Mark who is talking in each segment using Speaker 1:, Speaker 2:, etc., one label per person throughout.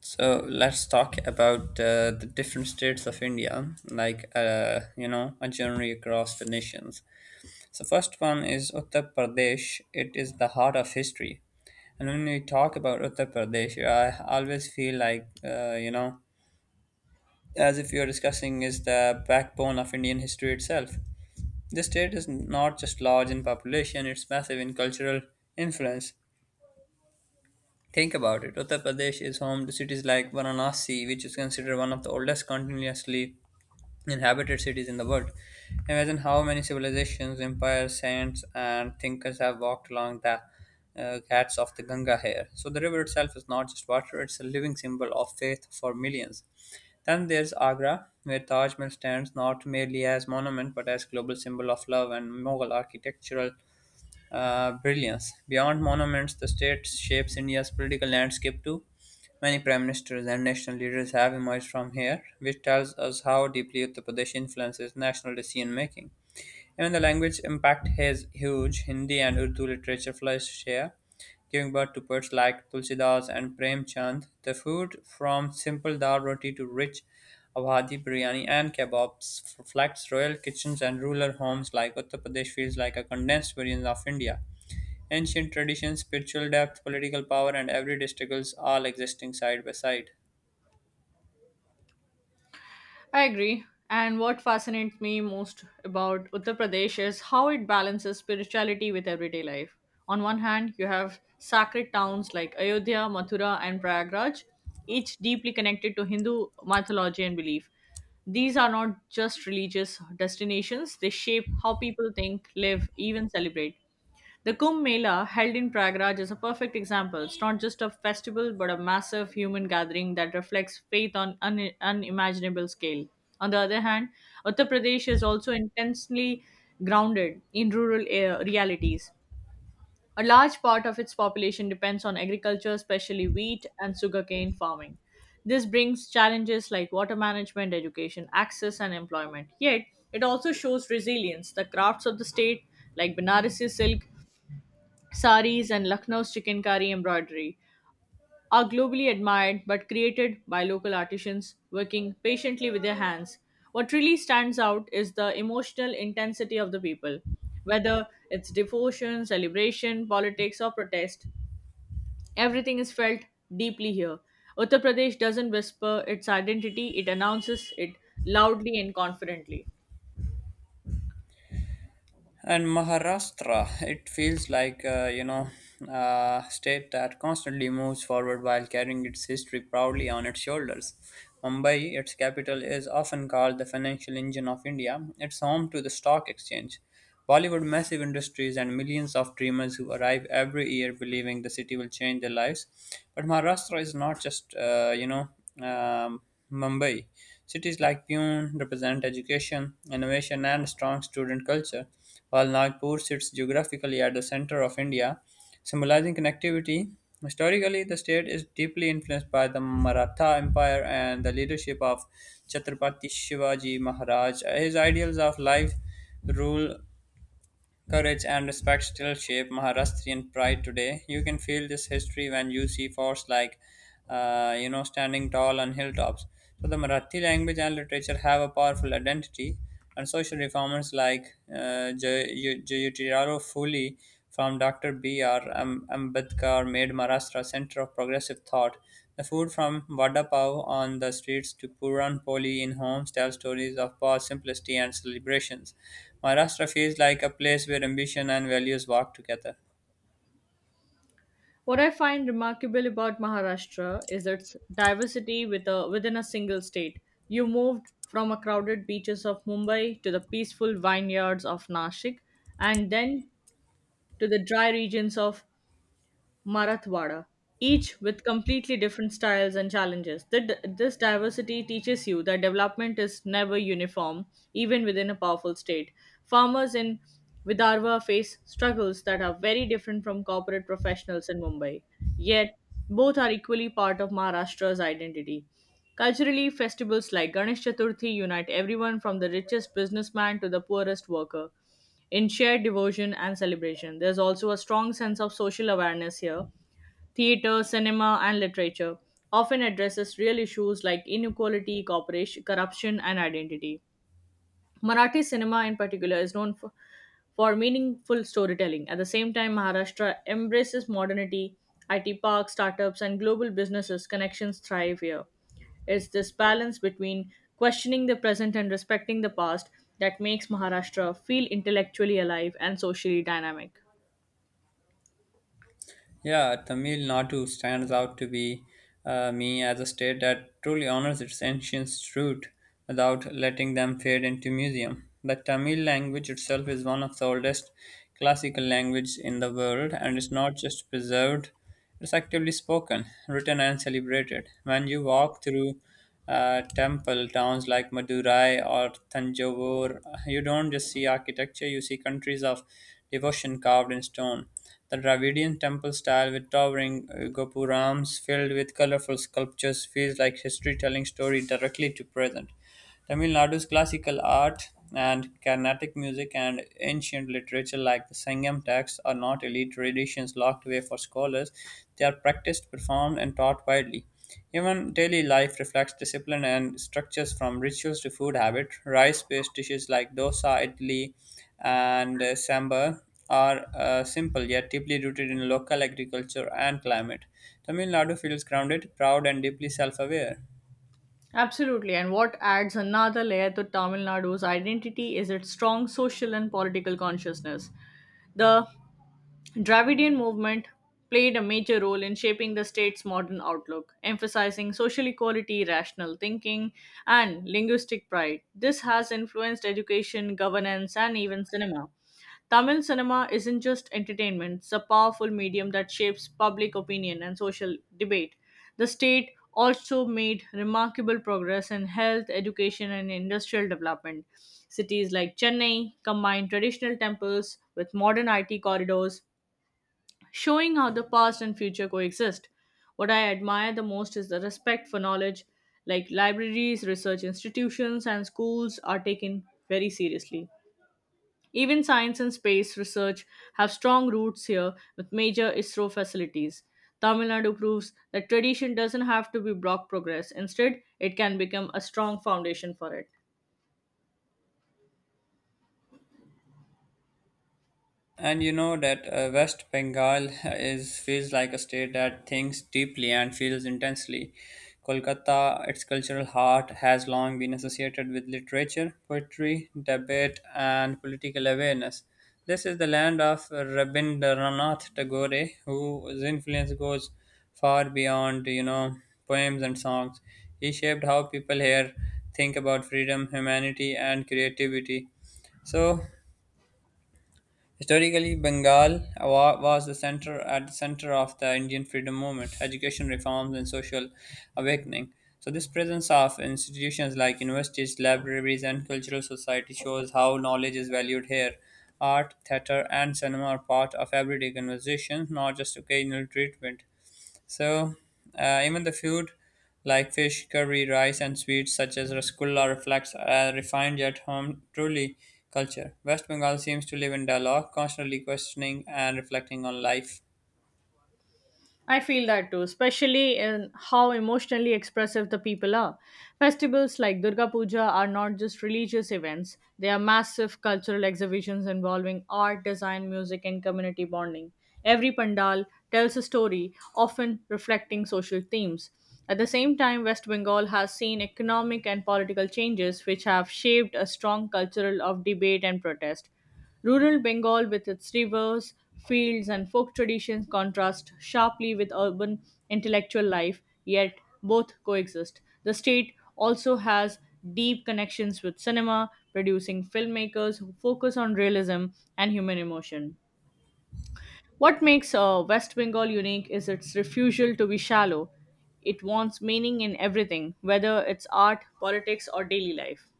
Speaker 1: So let's talk about the different states of India, like a journey across the nations. So first one is Uttar Pradesh. It is the heart of history, and when we talk about Uttar Pradesh, I always feel like as if we are discussing is the backbone of Indian history itself. This state is not just large in population; it's massive in cultural influence. Think about it. Uttar Pradesh is home to cities like Varanasi, which is considered one of the oldest continuously inhabited cities in the world. Imagine how many civilizations, empires, saints, and thinkers have walked along the ghats of the Ganga here. So the river itself is not just water, it's a living symbol of faith for millions. Then there's Agra, where Taj Mahal stands not merely as monument but as global symbol of love and Mughal architectural brilliance. Beyond monuments, the state shapes India's political landscape too. Many prime ministers and national leaders have emerged from here, which tells us how deeply Uttar Pradesh influences national decision making. Even the language impact is huge. Hindi and Urdu literature flourished here, giving birth to poets like Tulsidas and Prem Chand. The food, from simple dal roti to rich Awadhi biryani and kebabs, reflects royal kitchens and rural homes like Uttar Pradesh feels like a condensed version of India. Ancient traditions, spiritual depth, political power, and everyday struggles all existing side by side.
Speaker 2: I agree. And what fascinates me most about Uttar Pradesh is how it balances spirituality with everyday life. On one hand, you have sacred towns like Ayodhya, Mathura, and Prayagraj, each deeply connected to Hindu mythology and belief. These are not just religious destinations, they shape how people think, live, even celebrate. The Kumbh Mela, held in Prayagraj, is a perfect example. It's not just a festival, but a massive human gathering that reflects faith on an unimaginable scale. On the other hand, Uttar Pradesh is also intensely grounded in rural realities. A large part of its population depends on agriculture, especially wheat and sugarcane farming. This brings challenges like water management, education, access, and employment. Yet, it also shows resilience. The crafts of the state, like Banarasi silk, Saris and Lucknow's chicken curry embroidery are globally admired but created by local artisans working patiently with their hands. What really stands out is the emotional intensity of the people. Whether it's devotion, celebration, politics, or protest, everything is felt deeply here. Uttar Pradesh doesn't whisper its identity, it announces it loudly and confidently.
Speaker 1: And Maharashtra, it feels like, a state that constantly moves forward while carrying its history proudly on its shoulders. Mumbai, its capital, is often called the financial engine of India. It's home to the stock exchange, Bollywood massive industries, and millions of dreamers who arrive every year believing the city will change their lives. But Maharashtra is not just, um, Mumbai. Cities like Pune represent education, innovation, and strong student culture while Nagpur sits geographically at the center of India, symbolizing connectivity. Historically, the state is deeply influenced by the Maratha Empire and the leadership of Chhatrapati Shivaji Maharaj. His ideals of life, rule, courage and respect still shape Maharashtrian pride today. You can feel this history when you see forts like, standing tall on hilltops. So the Marathi language and literature have a powerful identity, and social reformers like Jyotirao Phule from Dr. B.R. Ambedkar made Maharashtra a center of progressive thought. The food from vada pav on the streets to puran poli in homes tell stories of past simplicity and celebrations. Maharashtra feels like a place where ambition and values walk together.
Speaker 2: What I find remarkable about Maharashtra is its diversity within a single state. You moved from a crowded beaches of Mumbai to the peaceful vineyards of Nashik and then to the dry regions of Marathwada, each with completely different styles and challenges. This diversity teaches you that development is never uniform, even within a powerful state. Farmers in Vidarbha face struggles that are very different from corporate professionals in Mumbai, yet, both are equally part of Maharashtra's identity. Culturally, festivals like Ganesh Chaturthi unite everyone from the richest businessman to the poorest worker in shared devotion and celebration. There's also a strong sense of social awareness here theater, cinema, and literature, often addresses real issues like inequality, cooperation, corruption, and identity. Marathi cinema, in particular, is for meaningful storytelling. At the same time, Maharashtra embraces modernity, IT parks, startups, and global businesses. Connections thrive here. It's this balance between questioning the present and respecting the past that makes Maharashtra feel intellectually alive and socially dynamic.
Speaker 1: Yeah, Tamil Nadu stands out to be me as a state that truly honors its ancient root without letting them fade into museum. The Tamil language itself is one of the oldest classical languages in the world and it's not just preserved. It is actively spoken, written, and celebrated. When you walk through temple towns like Madurai or Tanjavur, you don't just see architecture, you see countries of devotion carved in stone. The Dravidian temple style with towering gopurams filled with colorful sculptures feels like history telling story directly to present. Tamil Nadu's classical art and Carnatic music and ancient literature, like the Sangam texts, are not elite traditions locked away for scholars. They are practiced, performed, and taught widely. Even daily life reflects discipline and structures from rituals to food habit. Rice based dishes like dosa, idli, and sambar are simple yet deeply rooted in local agriculture and climate. Tamil Nadu feels grounded, proud, and deeply self aware.
Speaker 2: Absolutely, and what adds another layer to Tamil Nadu's identity is its strong social and political consciousness. The Dravidian movement played a major role in shaping the state's modern outlook, emphasizing social equality, rational thinking, and linguistic pride. This has influenced education, governance, and even cinema. Tamil cinema isn't just entertainment, it's a powerful medium that shapes public opinion and social debate. The state also made remarkable progress in health, education, and industrial development. Cities like Chennai combine traditional temples with modern IT corridors, showing how the past and future coexist. What I admire the most is the respect for knowledge, like libraries, research institutions, and schools are taken very seriously. Even science and space research have strong roots here with major ISRO facilities. Tamil Nadu proves that tradition doesn't have to be block progress. Instead, it can become a strong foundation for it.
Speaker 1: And you know that West Bengal is feels like a state that thinks deeply and feels intensely. Kolkata, its cultural heart, has long been associated with literature, poetry, debate, and political awareness. This is the land of Rabindranath Tagore, whose influence goes far beyond, poems and songs. He shaped how people here think about freedom, humanity, and creativity. So historically, Bengal was the center at the center of the Indian freedom movement, education reforms, and social awakening. So, this presence of institutions like universities, libraries, and cultural society shows how knowledge is valued here. Art, theater, and cinema are part of everyday conversation, not just occasional treatment. So, even the food like fish, curry, rice, and sweets such as rasgulla reflects a refined yet home truly culture. West Bengal seems to live in dialogue, constantly questioning and reflecting on life.
Speaker 2: I feel that too, especially in how emotionally expressive the people are. Festivals like Durga Puja are not just religious events, they are massive cultural exhibitions involving art, design, music, and community bonding. Every pandal tells a story, often reflecting social themes. At the same time, West Bengal has seen economic and political changes which have shaped a strong culture of debate and protest. Rural Bengal, with its rivers, fields, and folk traditions, contrasts sharply with urban intellectual life, yet both coexist. The state also has deep connections with cinema, producing filmmakers who focus on realism and human emotion. What makes West Bengal unique is its refusal to be shallow. It wants meaning in everything, whether it's art, politics, or daily life.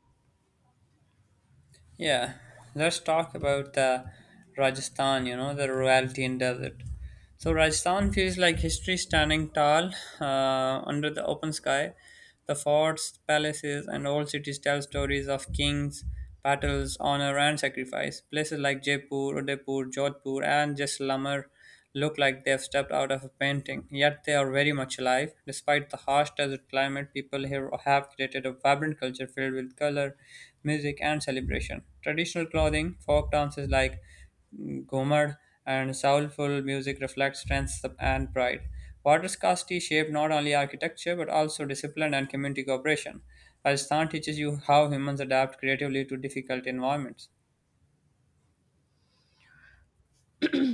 Speaker 1: Yeah, let's talk about Rajasthan, you know, the royalty and desert. So, Rajasthan feels like history standing tall under the open sky. The forts, palaces, and old cities tell stories of kings, battles, honor, and sacrifice. Places like Jaipur, Udaipur, Jodhpur, and Jaisalmer look like they've stepped out of a painting, yet they are very much alive. Despite the harsh desert climate, people here have created a vibrant culture filled with color, music, and celebration. Traditional clothing, folk dances like Gomad and soulful music reflect strength and pride. Water scarcity shaped not only architecture but also discipline and community cooperation. Rajasthan teaches you how humans adapt creatively to difficult environments.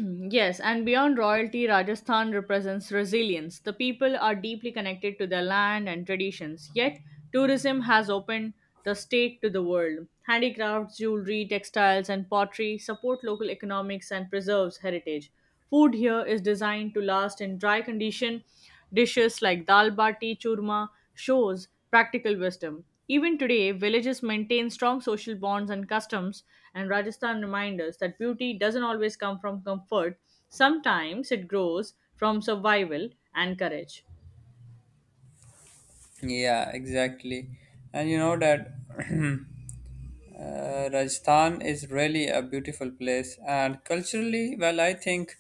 Speaker 2: Yes, and beyond royalty, Rajasthan represents resilience. The people are deeply connected to their land and traditions, yet, tourism has opened the state to the world. Handicrafts, jewelry, textiles, and pottery support local economics and preserves heritage. Food here is designed to last in dry condition. Dishes like dal bati, churma shows practical wisdom. Even today, villages maintain strong social bonds and customs, and Rajasthan reminds us that beauty doesn't always come from comfort. Sometimes it grows from survival and courage.
Speaker 1: Yeah, exactly. And you know that Rajasthan is really a beautiful place. And culturally, well, I think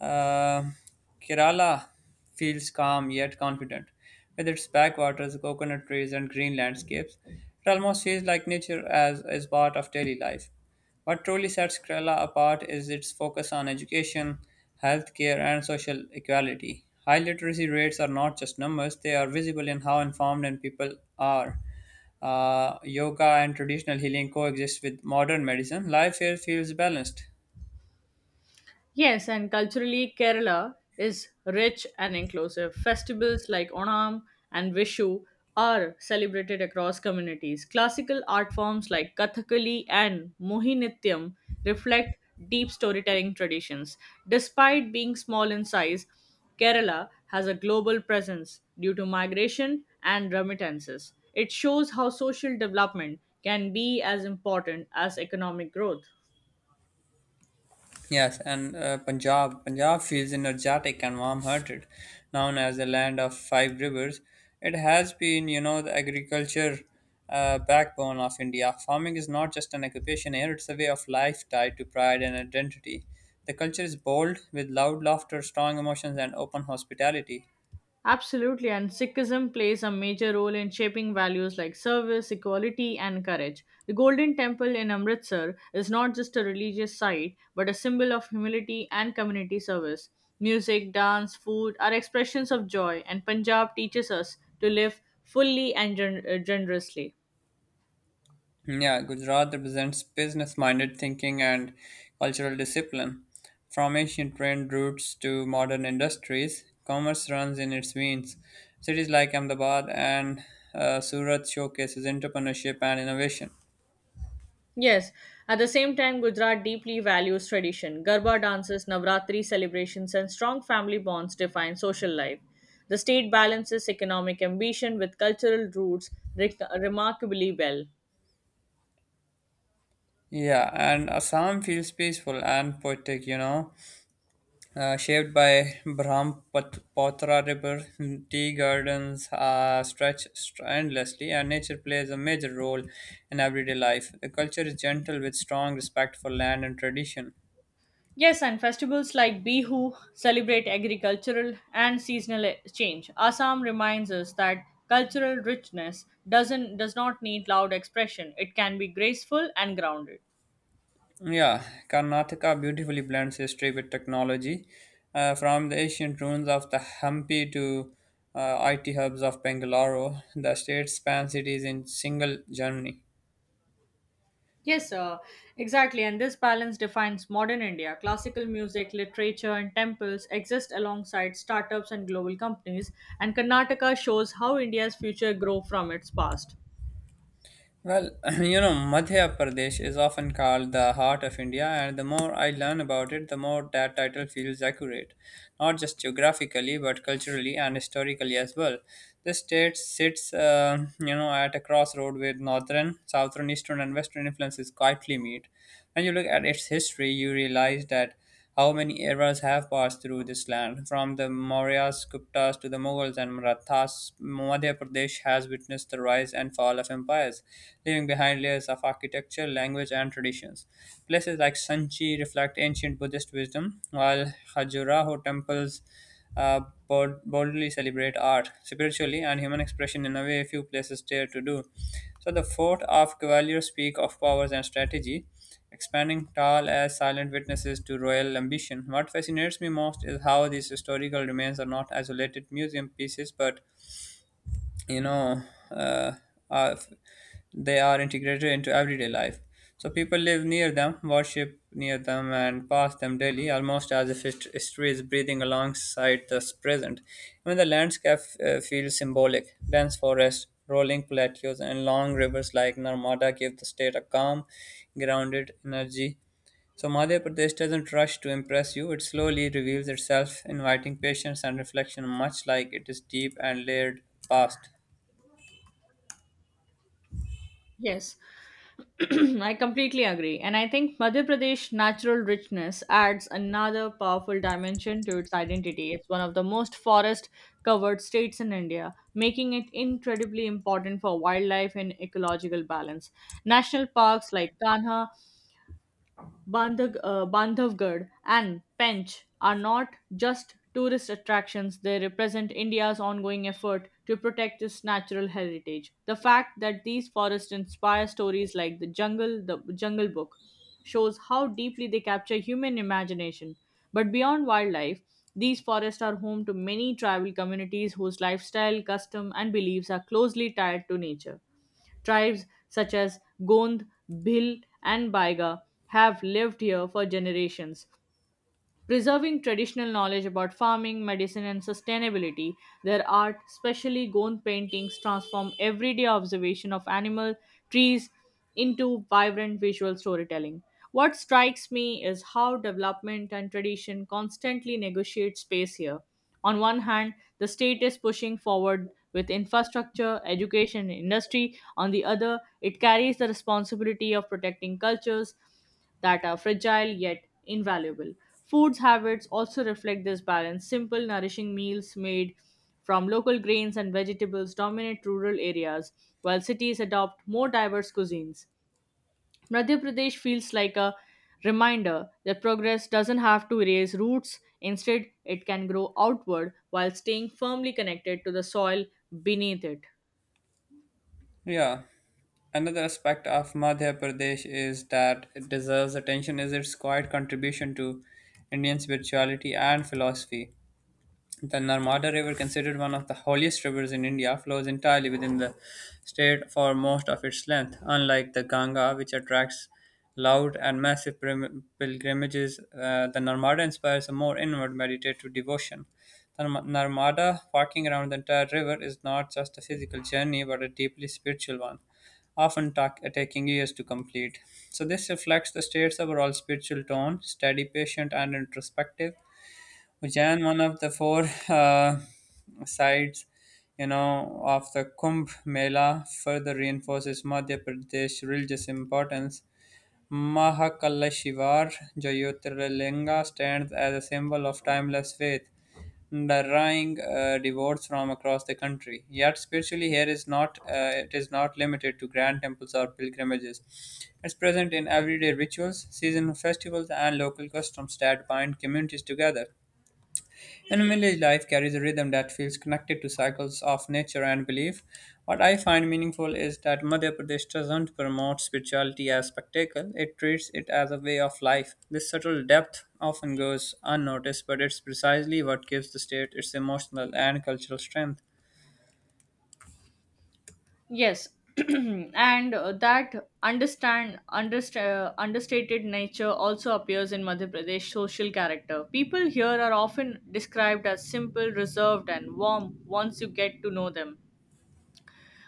Speaker 1: uh, Kerala feels calm yet confident. With its backwaters, coconut trees, and green landscapes, it almost feels like nature as is part of daily life. What truly sets Kerala apart is its focus on education, healthcare, and social equality. High literacy rates are not just numbers, they are visible in how informed and people are. Yoga and traditional healing coexist with modern medicine. Life here feels balanced.
Speaker 2: Yes, and culturally, Kerala is rich and inclusive. Festivals like Onam and Vishu are celebrated across communities. Classical art forms like Kathakali and Mohinittyam reflect deep storytelling traditions. Despite being small in size, Kerala has a global presence due to migration and remittances. It shows how social development can be as important as economic growth.
Speaker 1: Yes, and Punjab. Punjab feels energetic and warm-hearted. Known as the land of five rivers, it has been, you know, the agriculture backbone of India. Farming is not just an occupation here; it's a way of life tied to pride and identity. The culture is bold, with loud laughter, strong emotions, and open hospitality.
Speaker 2: Absolutely, and Sikhism plays a major role in shaping values like service, equality, and courage. The Golden Temple in Amritsar is not just a religious site, but a symbol of humility and community service. Music, dance, food are expressions of joy, and Punjab teaches us to live fully and generously.
Speaker 1: Yeah, Gujarat represents business minded thinking and cultural discipline. From ancient trade routes to modern industries, commerce runs in its veins. Cities like Ahmedabad and Surat showcases entrepreneurship and innovation.
Speaker 2: Yes, at the same time, Gujarat deeply values tradition. Garba dances, Navratri celebrations, and strong family bonds define social life. The state balances economic ambition with cultural roots remarkably well.
Speaker 1: Yeah, and Assam feels peaceful and poetic, you know. Shaped by Brahmaputra River, tea gardens stretch endlessly, and nature plays a major role in everyday life. The culture is gentle with strong respect for land and tradition.
Speaker 2: Yes, and festivals like Bihu celebrate agricultural and seasonal change. Assam reminds us that cultural richness does not need loud expression. It can be graceful and grounded.
Speaker 1: Yeah, Karnataka beautifully blends history with technology, from the ancient ruins of the Hampi to IT hubs of Bangalore. The state spans cities in single journey.
Speaker 2: Yes, exactly. And this balance defines modern India. Classical music, literature, and temples exist alongside startups and global companies, and Karnataka shows how India's future grow from its past.
Speaker 1: Well, you know, Madhya Pradesh is often called the heart of India, and the more I learn about it, the more that title feels accurate, not just geographically, but culturally and historically as well. The state sits, at a crossroad with northern, southern, eastern, and western influences quietly meet. When you look at its history, you realize that how many eras have passed through this land? From the Mauryas, Guptas to the Mughals and Marathas, Madhya Pradesh has witnessed the rise and fall of empires, leaving behind layers of architecture, language, and traditions. Places like Sanchi reflect ancient Buddhist wisdom, while Khajuraho temples uh, boldly celebrate art, spiritually and human expression in a way few places dare to do. So the fort of Gwalior speak of powers and strategy, expanding tall as silent witnesses to royal ambition. What fascinates me most is how these historical remains are not isolated museum pieces, but you know uh, are they are integrated into everyday life. So people live near them, worship near them, and pass them daily, almost as if history is breathing alongside the present. Even the landscape feels symbolic. Dense forests, rolling plateaus and long rivers like Narmada give the state a calm grounded energy. So Madhya Pradesh doesn't rush to impress you. It slowly reveals itself, inviting patience and reflection, much like it is deep and layered past.
Speaker 2: Yes, I completely agree. And I think Madhya Pradesh' natural richness adds another powerful dimension to its identity. It's one of the most forest covered states in India, making it incredibly important for wildlife and ecological balance. National parks like Bandhavgarh and Pench are not just tourist attractions, they represent India's ongoing effort to protect its natural heritage. The fact that these forests inspire stories like The Jungle Book, shows how deeply they capture human imagination. But beyond wildlife, these forests are home to many tribal communities whose lifestyle, custom, and beliefs are closely tied to nature. Tribes such as Gond, Bhil, and Baiga have lived here for generations, preserving traditional knowledge about farming, medicine, and sustainability, their art, especially Gond paintings, transform everyday observation of animal, trees into vibrant visual storytelling. What strikes me is how development and tradition constantly negotiate space here. On one hand, the state is pushing forward with infrastructure, education, and industry. On the other, it carries the responsibility of protecting cultures that are fragile yet invaluable. Foods habits also reflect this balance. Simple, nourishing meals made from local grains and vegetables dominate rural areas, while cities adopt more diverse cuisines. Madhya Pradesh feels like a reminder that progress doesn't have to erase roots, instead, it can grow outward while staying firmly connected to the soil beneath it.
Speaker 1: Yeah. Another aspect of Madhya Pradesh is that it deserves attention is its quiet contribution to Indian spirituality and philosophy. The Narmada River, considered one of the holiest rivers in India, flows entirely within the state for most of its length, unlike the Ganga, which attracts loud and massive pilgrimages. The Narmada inspires a more inward meditative devotion. The Narmada, walking around the entire river, is not just a physical journey but a deeply spiritual one, often taking years to complete. So, this reflects the state's overall spiritual tone, steady, patient, and introspective. Ujjain, one of the four uh, sites, you know, of the Kumbh Mela, further reinforces Madhya Pradesh religious importance. Mahakaleshivar Jyotirlinga stands as a symbol of timeless faith, drawing devotees from across the country. Yet spiritually, here is not it is not limited to grand temples or pilgrimages. It's present in everyday rituals, seasonal festivals, and local customs that bind communities together. And village life carries a rhythm that feels connected to cycles of nature and belief. What I find meaningful is that Madhya Pradesh doesn't promote spirituality as spectacle, it treats it as a way of life. This subtle depth often goes unnoticed, but it's precisely what gives the state its emotional and cultural strength.
Speaker 2: Yes, and that understated nature also appears in Madhya Pradesh social character. People here are often described as simple, reserved, and warm once you get to know them.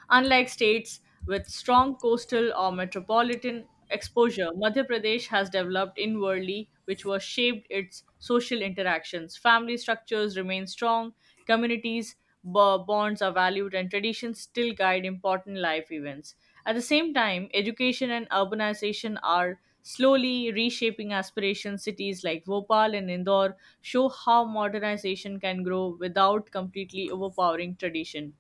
Speaker 2: Unlike states with strong coastal or metropolitan exposure, Madhya Pradesh has developed inwardly, which was shaped its social interactions. Family structures remain strong, communities bonds are valued, and traditions still guide important life events. At the same time, education and urbanization are slowly reshaping aspirations. Cities like Bhopal and Indore show how modernization can grow without completely overpowering tradition.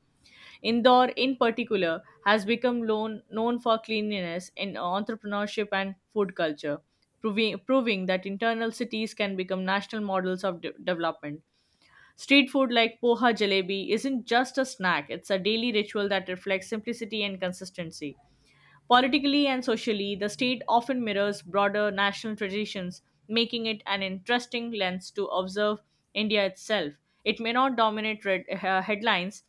Speaker 2: Indore, in particular, has become known for cleanliness in entrepreneurship and food culture, proving that internal cities can become national models of development. Street food like poha jalebi isn't just a snack, it's a daily ritual that reflects simplicity and consistency. Politically and socially, the state often mirrors broader national traditions, making it an interesting lens to observe India itself. It may not dominate headlines,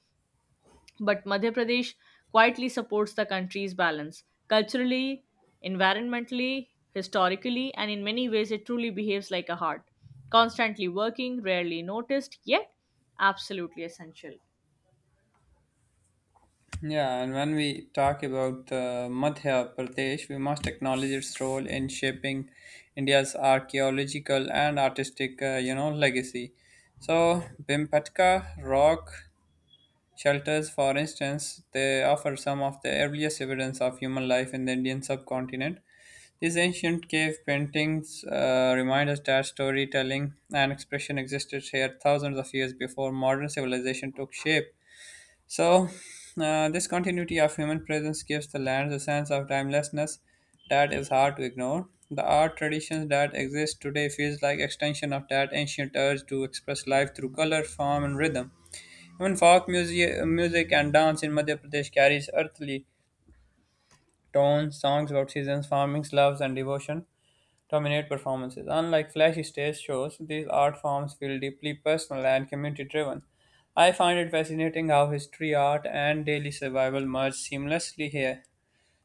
Speaker 2: but Madhya Pradesh quietly supports the country's balance culturally, environmentally, historically, and in many ways it truly behaves like a heart, constantly working, rarely noticed, yet absolutely essential.
Speaker 1: Yeah, and when we talk about Madhya Pradesh, we must acknowledge its role in shaping India's archaeological and artistic, legacy. So, Bimpetka rock shelters, for instance, they offer some of the earliest evidence of human life in the Indian subcontinent. These ancient cave paintings remind us that storytelling and expression existed here thousands of years before modern civilization took shape. So, this continuity of human presence gives the lands a sense of timelessness that is hard to ignore. The art traditions that exist today feels like extension of that ancient urge to express life through color, form, and rhythm. Even folk music, and dance in Madhya Pradesh carries earthly tones, songs about seasons, farming, loves, and devotion dominate performances. Unlike flashy stage shows, these art forms feel deeply personal and community driven. I find it fascinating how history, art, and daily survival merge seamlessly here,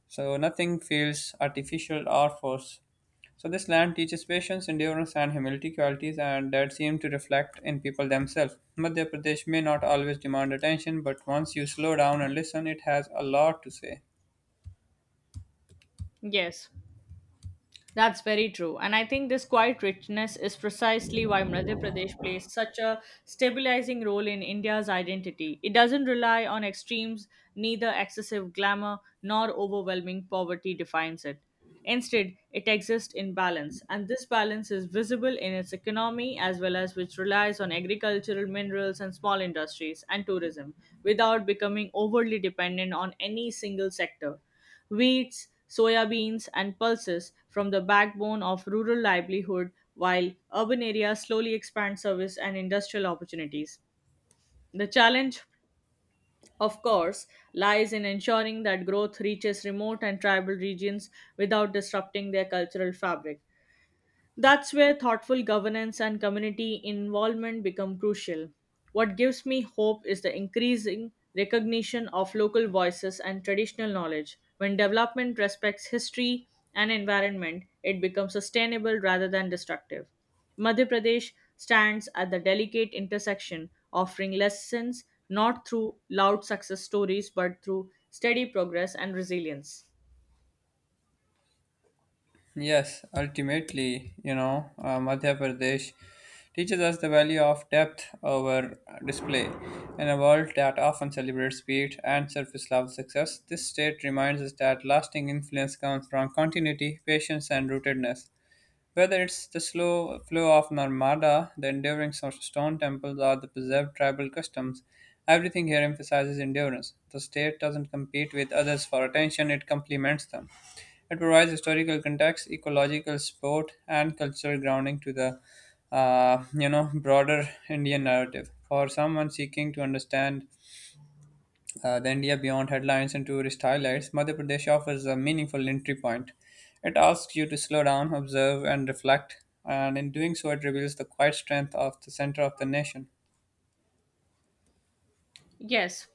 Speaker 1: so nothing feels artificial or forced. So, this land teaches patience, endurance, and humility qualities and that seem to reflect in people themselves. Madhya Pradesh may not always demand attention, but once you slow down and listen, it has a lot to say.
Speaker 2: Yes. That's very true. And I think this quiet richness is precisely why Madhya Pradesh plays such a stabilizing role in India's identity. It doesn't rely on extremes, neither excessive glamour nor overwhelming poverty defines it. Instead, it exists in balance, and this balance is visible in its economy as well as which relies on agricultural minerals and small industries and tourism without becoming overly dependent on any single sector wheats, soya beans, and pulses from the backbone of rural livelihood, while urban areas slowly expand service and industrial opportunities. The challenge, of course, lies in ensuring that growth reaches remote and tribal regions without disrupting their cultural fabric. That's where thoughtful governance and community involvement become crucial. What gives me hope is the increasing recognition of local voices and traditional knowledge. When development respects history and environment, it becomes sustainable rather than destructive. Madhya Pradesh stands at the delicate intersection, offering lessons not through loud success stories but through steady progress and resilience.
Speaker 1: Yes, ultimately, Madhya Pradesh teaches us the value of depth over display. In a world that often celebrates speed and surface level success, this state reminds us that lasting influence comes from continuity, patience, and rootedness. Whether it's the slow flow of Narmada, the enduring stone temples, or the preserved tribal customs, everything here emphasizes endurance. The state doesn't compete with others for attention, it complements them. It provides historical context, ecological support, and cultural grounding to the broader Indian narrative. For someone seeking to understand the India Beyond headlines and tourist highlights, Madhya Pradesh offers a meaningful entry point. It asks you to slow down, observe, and reflect, and in doing so, it reveals the quiet strength of the center of the nation.
Speaker 2: Yes,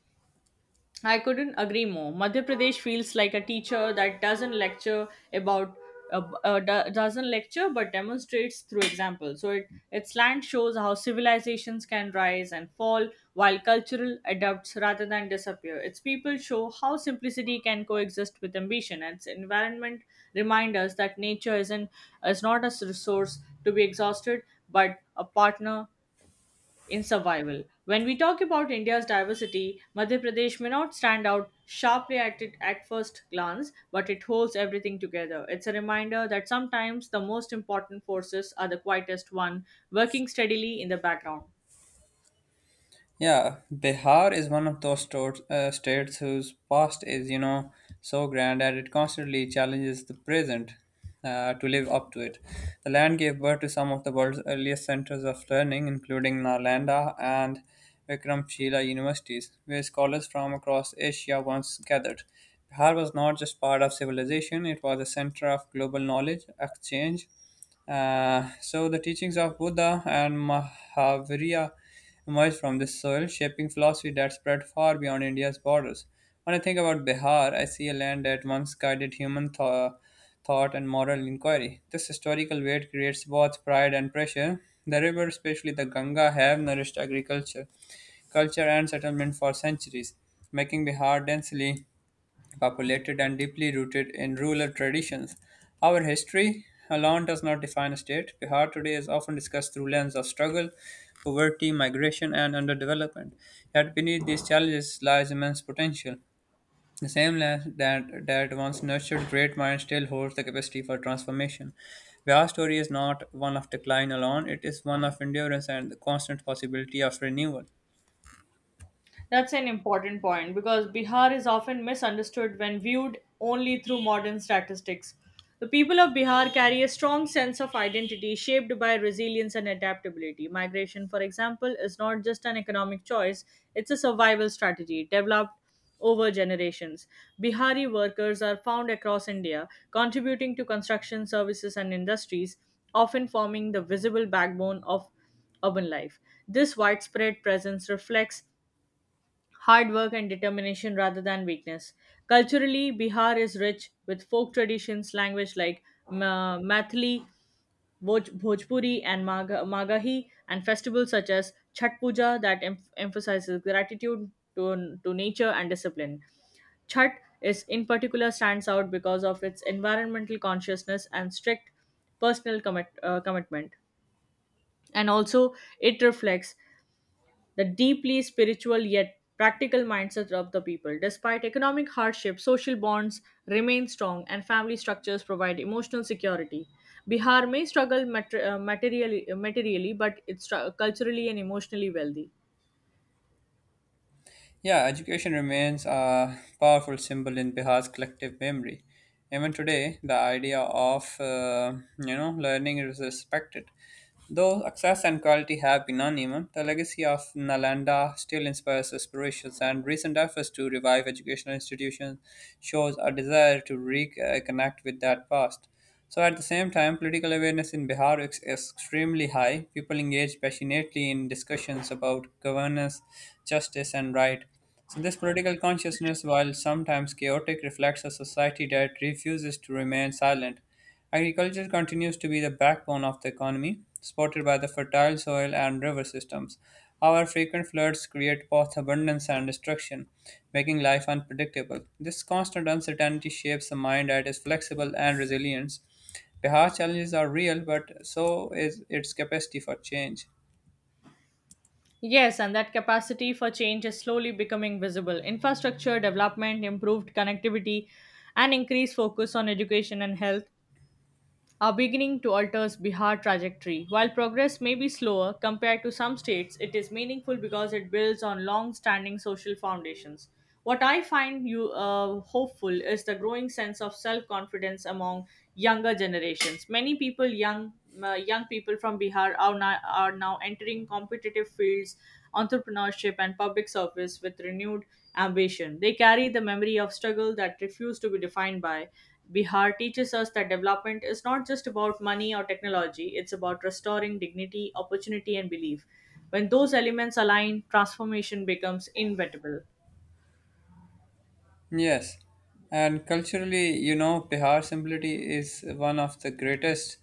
Speaker 2: I couldn't agree more. Madhya Pradesh feels like a teacher that doesn't lecture about doesn't lecture but demonstrates through example. So it its land shows how civilizations can rise and fall while cultural adapts rather than disappear. Its people show how simplicity can coexist with ambition. And its environment remind us that nature isn't is not a resource to be exhausted but a partner in survival. When we talk about India's diversity, Madhya Pradesh may not stand out sharply at first glance, but it holds everything together. It's a reminder that sometimes the most important forces are the quietest one, working steadily in the background.
Speaker 1: Yeah, Bihar is one of those states whose past is, so grand that it constantly challenges the present to live up to it. The land gave birth to some of the world's earliest centers of learning, including Nalanda and Vikramshila universities, where scholars from across Asia once gathered. Bihar was not just part of civilization, it was a center of global knowledge exchange. So the teachings of Buddha and Mahavira emerged from this soil, shaping philosophy that spread far beyond India's borders. When I think about Bihar, I see a land that once guided human thought and moral inquiry. This historical weight creates both pride and pressure. The river, especially the Ganga, have nourished agriculture, culture, and settlement for centuries, making Bihar densely populated and deeply rooted in rural traditions. Our history alone does not define a state. Bihar today is often discussed through lens of struggle, poverty, migration, and underdevelopment. Yet beneath these challenges lies immense potential. The same land that once nurtured great minds still holds the capacity for transformation. Bihar's story is not one of decline alone, it is one of endurance and the constant possibility of renewal.
Speaker 2: That's an important point because Bihar is often misunderstood when viewed only through modern statistics. The people of Bihar carry a strong sense of identity shaped by resilience and adaptability. Migration, for example, is not just an economic choice, it's a survival strategy developed over generations. Bihari workers are found across India, contributing to construction services and industries, often forming the visible backbone of urban life. This widespread presence reflects hard work and determination rather than weakness. Culturally, Bihar is rich with folk traditions, language like Mathili, Bhojpuri, and Magahi, and festivals such as Chhat Puja that emphasizes gratitude to nature and discipline. Chhat is in particular stands out because of its environmental consciousness and strict personal commitment and also it reflects the deeply spiritual yet practical mindset of the people. Despite economic hardship, social bonds remain strong and family structures provide emotional security. Bihar may struggle materially, but it's culturally and emotionally wealthy.
Speaker 1: Yeah, education remains a powerful symbol in Bihar's collective memory. Even today, the idea of learning is respected. Though access and quality have been uneven, the legacy of Nalanda still inspires aspirations, and recent efforts to revive educational institutions shows a desire to reconnect with that past. So, at the same time, political awareness in Bihar is extremely high. People engage passionately in discussions about governance, justice, and right. So, this political consciousness, while sometimes chaotic, reflects a society that refuses to remain silent. Agriculture continues to be the backbone of the economy, supported by the fertile soil and river systems. However, frequent floods create both abundance and destruction, making life unpredictable. This constant uncertainty shapes a mind that is flexible and resilient. Bihar's challenges are real, but so is its capacity for change.
Speaker 2: Yes, and that capacity for change is slowly becoming visible. Infrastructure development, improved connectivity, and increased focus on education and health are beginning to alter Bihar's trajectory. While progress may be slower compared to some states, it is meaningful because it builds on long standing social foundations. What I find you hopeful is the growing sense of self confidence among younger generations. Many people, young people from Bihar, are now entering competitive fields, entrepreneurship, and public service with renewed ambition. They carry the memory of struggle that refused to be defined by Bihar teaches us that development is not just about money or technology, it's about restoring dignity, opportunity, and belief. When those elements align, transformation becomes inevitable.
Speaker 1: Yes, and culturally, Bihar's simplicity is one of the greatest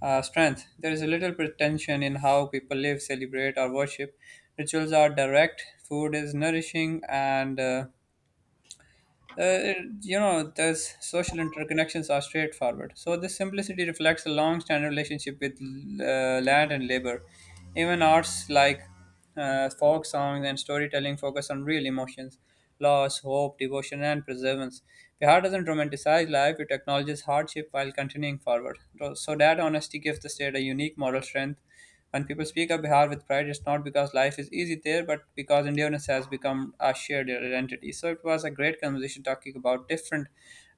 Speaker 1: strength. There is a little pretension in how people live, celebrate, or worship. Rituals are direct, food is nourishing, and those social interconnections are straightforward. So this simplicity reflects a long-standing relationship with land and labor. Even arts like folk songs and storytelling focus on real emotions, loss, hope, devotion, and perseverance. Bihar doesn't romanticize life; it acknowledges hardship while continuing forward. So that honesty gives the state a unique moral strength when people speak of Bihar with pride, it's not because life is easy there, but because Indianness has become a shared identity. So it was a great conversation talking about different,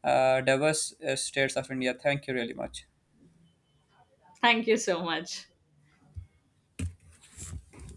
Speaker 1: diverse states of India. Thank you really much.
Speaker 2: Thank you so much.